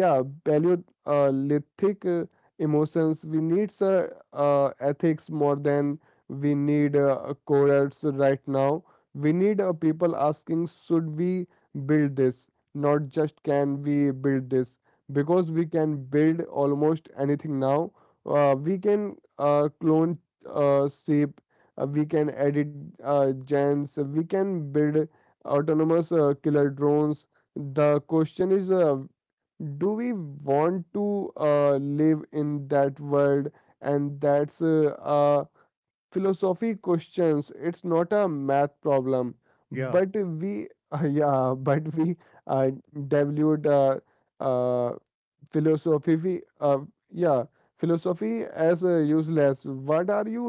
Speaker 1: yeah paleolithic emotions. We need ethics more than we need codes right now. We need people asking should we build this, not just can we build this, because we can build almost anything now. We can clone sheep, we can edit genes, we can build autonomous killer drones. The question is do we want to live in that world? And that's a philosophy questions. It's not a math problem,
Speaker 2: Yeah.
Speaker 1: but we yeah, but we devalued uh, philosophy yeah philosophy as useless. What are you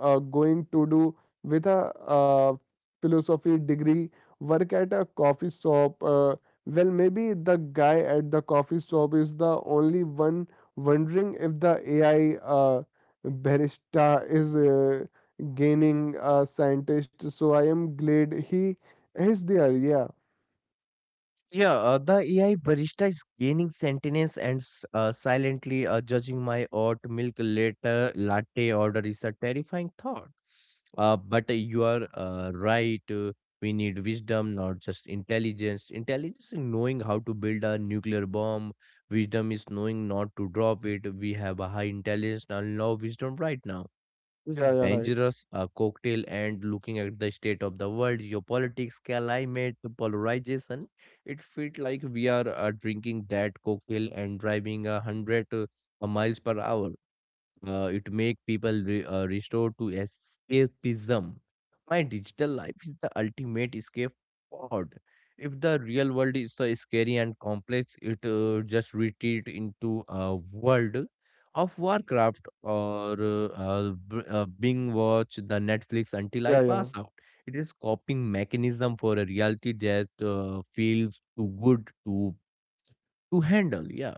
Speaker 1: going to do with a uh, philosophy degree, work at a coffee shop? Well maybe the guy at the coffee shop is the only one wondering if the AI barista is gaining a scientist, so I am glad he is there. Yeah,
Speaker 2: Yeah, the AI barista is gaining sentience and silently judging my oat milk later latte order is a terrifying thought. But You are right. We need wisdom, not just intelligence. Intelligence is knowing how to build a nuclear bomb. Wisdom is knowing not to drop it. We have a high intelligence and low wisdom right now. This
Speaker 1: yeah, yeah, right.
Speaker 2: dangerous cocktail and looking at the state of the world, geopolitics, climate, polarization, it felt like we are drinking that cocktail and driving a hundred miles per hour. It make people restore to escapism. My digital life is the ultimate escape pod. If the real world is so scary and complex, it just retreat into a world of Warcraft or Bing watch the Netflix until I
Speaker 1: Yeah, yeah.
Speaker 2: pass out. It is coping mechanism for a reality that feels too good to handle. Yeah.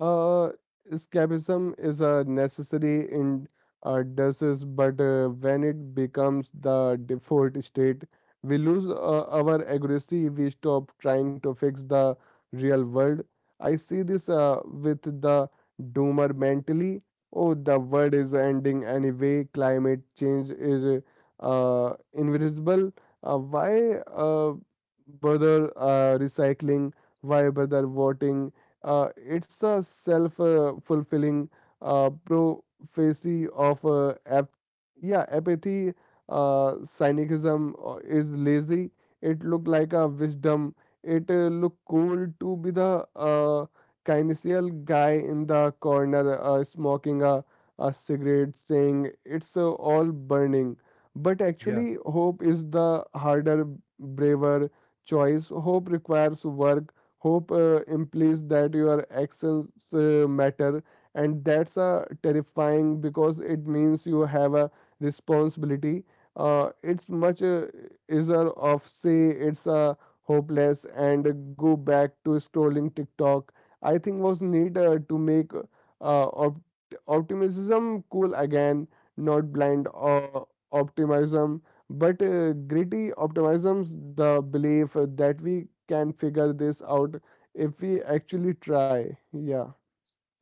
Speaker 1: Uh, Escapism is a necessity in disease, but when it becomes the default state, we lose our accuracy. We stop trying to fix the real world. I see this with the doomer mentally. Oh, the world is ending anyway. Climate change is invisible. Why bother recycling? Why bother voting? It's a self fulfilling prophecy of apathy. Cynicism is lazy. It look like a wisdom. It look cool to be the kinesial guy in the corner smoking a cigarette, saying it's all burning. But actually, hope is the harder, braver choice. Hope requires work. Hope implies that your actions matter, and that's terrifying because it means you have a responsibility. It's much easier of say it's hopeless and go back to scrolling TikTok. I think was need to make optimism cool again, not blind uh, optimism, but gritty optimisms, the belief that we can figure this out if we actually try. Yeah,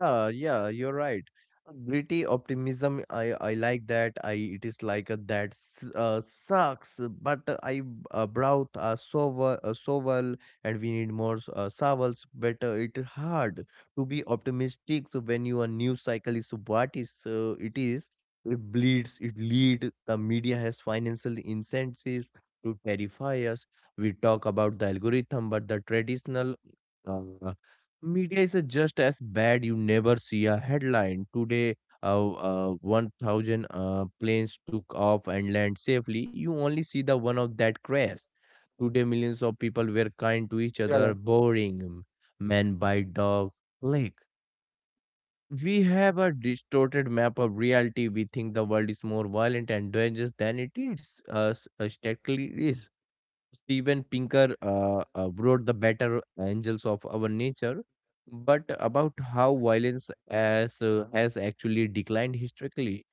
Speaker 2: Yeah, yeah, you're right. Gritty optimism, I like that. I it is like a, that sucks, but I brought a shovel, and we need more shovels. But it hard to be optimistic so when your news cycle is what is it is. It bleeds. It lead. The media has financial incentives to terrify us. We talk about the algorithm, but the traditional uh, media is just as bad. You never see a headline today. 1,000 planes took off and land safely. You only see the one of that crash. Today, millions of
Speaker 1: yeah,
Speaker 2: people
Speaker 1: yeah,
Speaker 2: were kind to each other, boring, man by dog. Like we have a distorted map of reality. We think the world is more violent and dangerous than it is. Statistically is. Steven Pinker wrote The Better Angels of Our Nature, but about how violence as, has actually declined historically.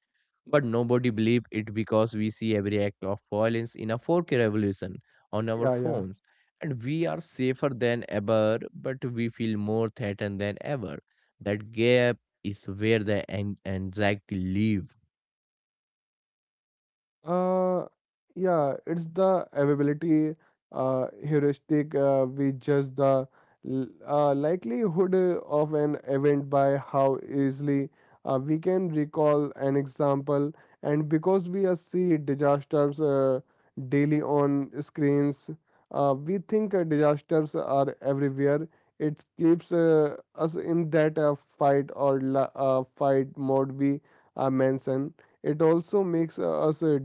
Speaker 2: But nobody believed it because we see every act of violence in a 4K revolution
Speaker 1: yeah,
Speaker 2: on
Speaker 1: yeah.
Speaker 2: our phones. And we are safer than ever, but we feel more threatened than ever. That gap is where the anxiety live.
Speaker 1: Uh, yeah, it's the availability heuristic. We judge the likelihood of an event by how easily we can recall an example, and because we see disasters daily on screens, we think disasters are everywhere. It keeps us in that fight mode we mention. It also makes us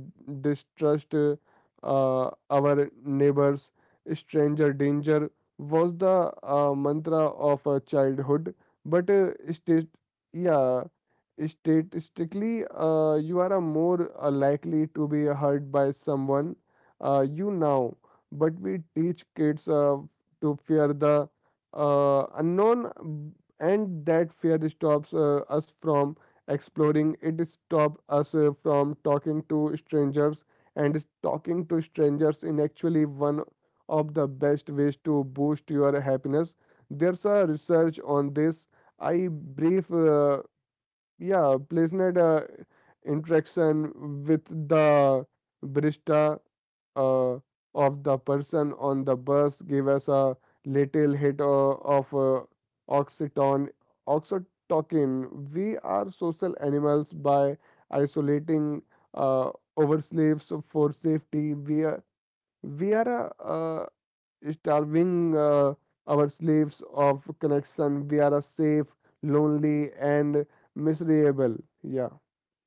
Speaker 1: distrust our neighbors. Stranger danger was the mantra of childhood, but yeah, statistically you are a more likely to be hurt by someone you know, but we teach kids to fear the unknown, and that fear stops us from exploring. It stops us from talking to strangers, and is talking to strangers in actually one of the best ways to boost your happiness. There's a research on this. I brief yeah placenet interaction with the barista uh, of the person on the bus gave us a little hit of oxytocin oxytocin. We are social animals. By isolating uh, ourselves for safety, we are a, starving our slaves of connection. We are a safe, lonely, and miserable. Yeah,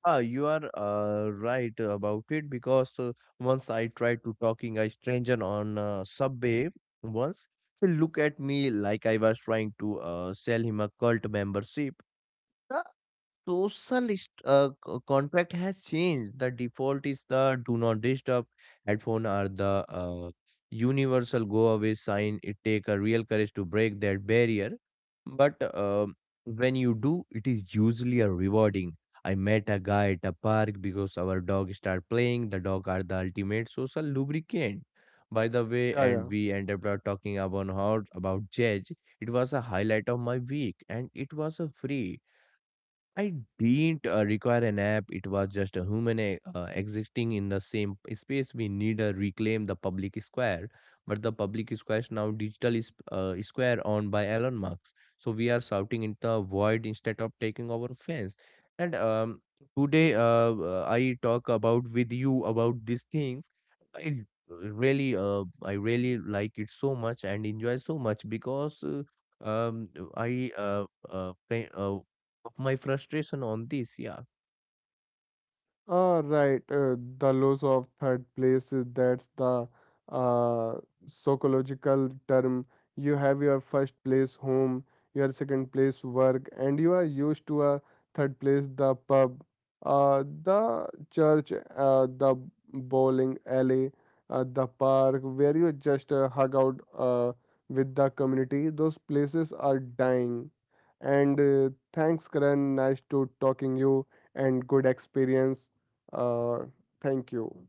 Speaker 2: Ah, you are right about it because once I tried to talking a stranger on subway once, he looked at me like I was trying to sell him a cult membership. social is- Contract has changed. The default is the do not disturb headphone or the uh, universal go away sign. It take a real courage to break that barrier, but when you do, it is usually a rewarding. I met a guy at a park because our dog started playing. The dog are the ultimate social lubricant, by the way,
Speaker 1: yeah,
Speaker 2: and
Speaker 1: yeah.
Speaker 2: we ended up talking about how about judge. It was a highlight of my week, and it was a free. I didn't require an app. It was just a human existing in the same space. We need to reclaim the public square, but the public square is now digital is square owned by Elon Musk. So we are shouting in the void instead of taking our fence. And Today, I talk about with you about these things. I I really like it so much and enjoy so much because. Um i uh, uh, fa- uh of my frustration on this. Yeah.
Speaker 1: Ah, right. The loss of third place is that's the uh, psychological term. You have your first place home, your second place work, and you are used to a third place, the pub, the church, the bowling alley, the park where you just hug out with the community. Those places are dying. And thanks, Karan. Nice to talking you and good experience. Uh, thank you.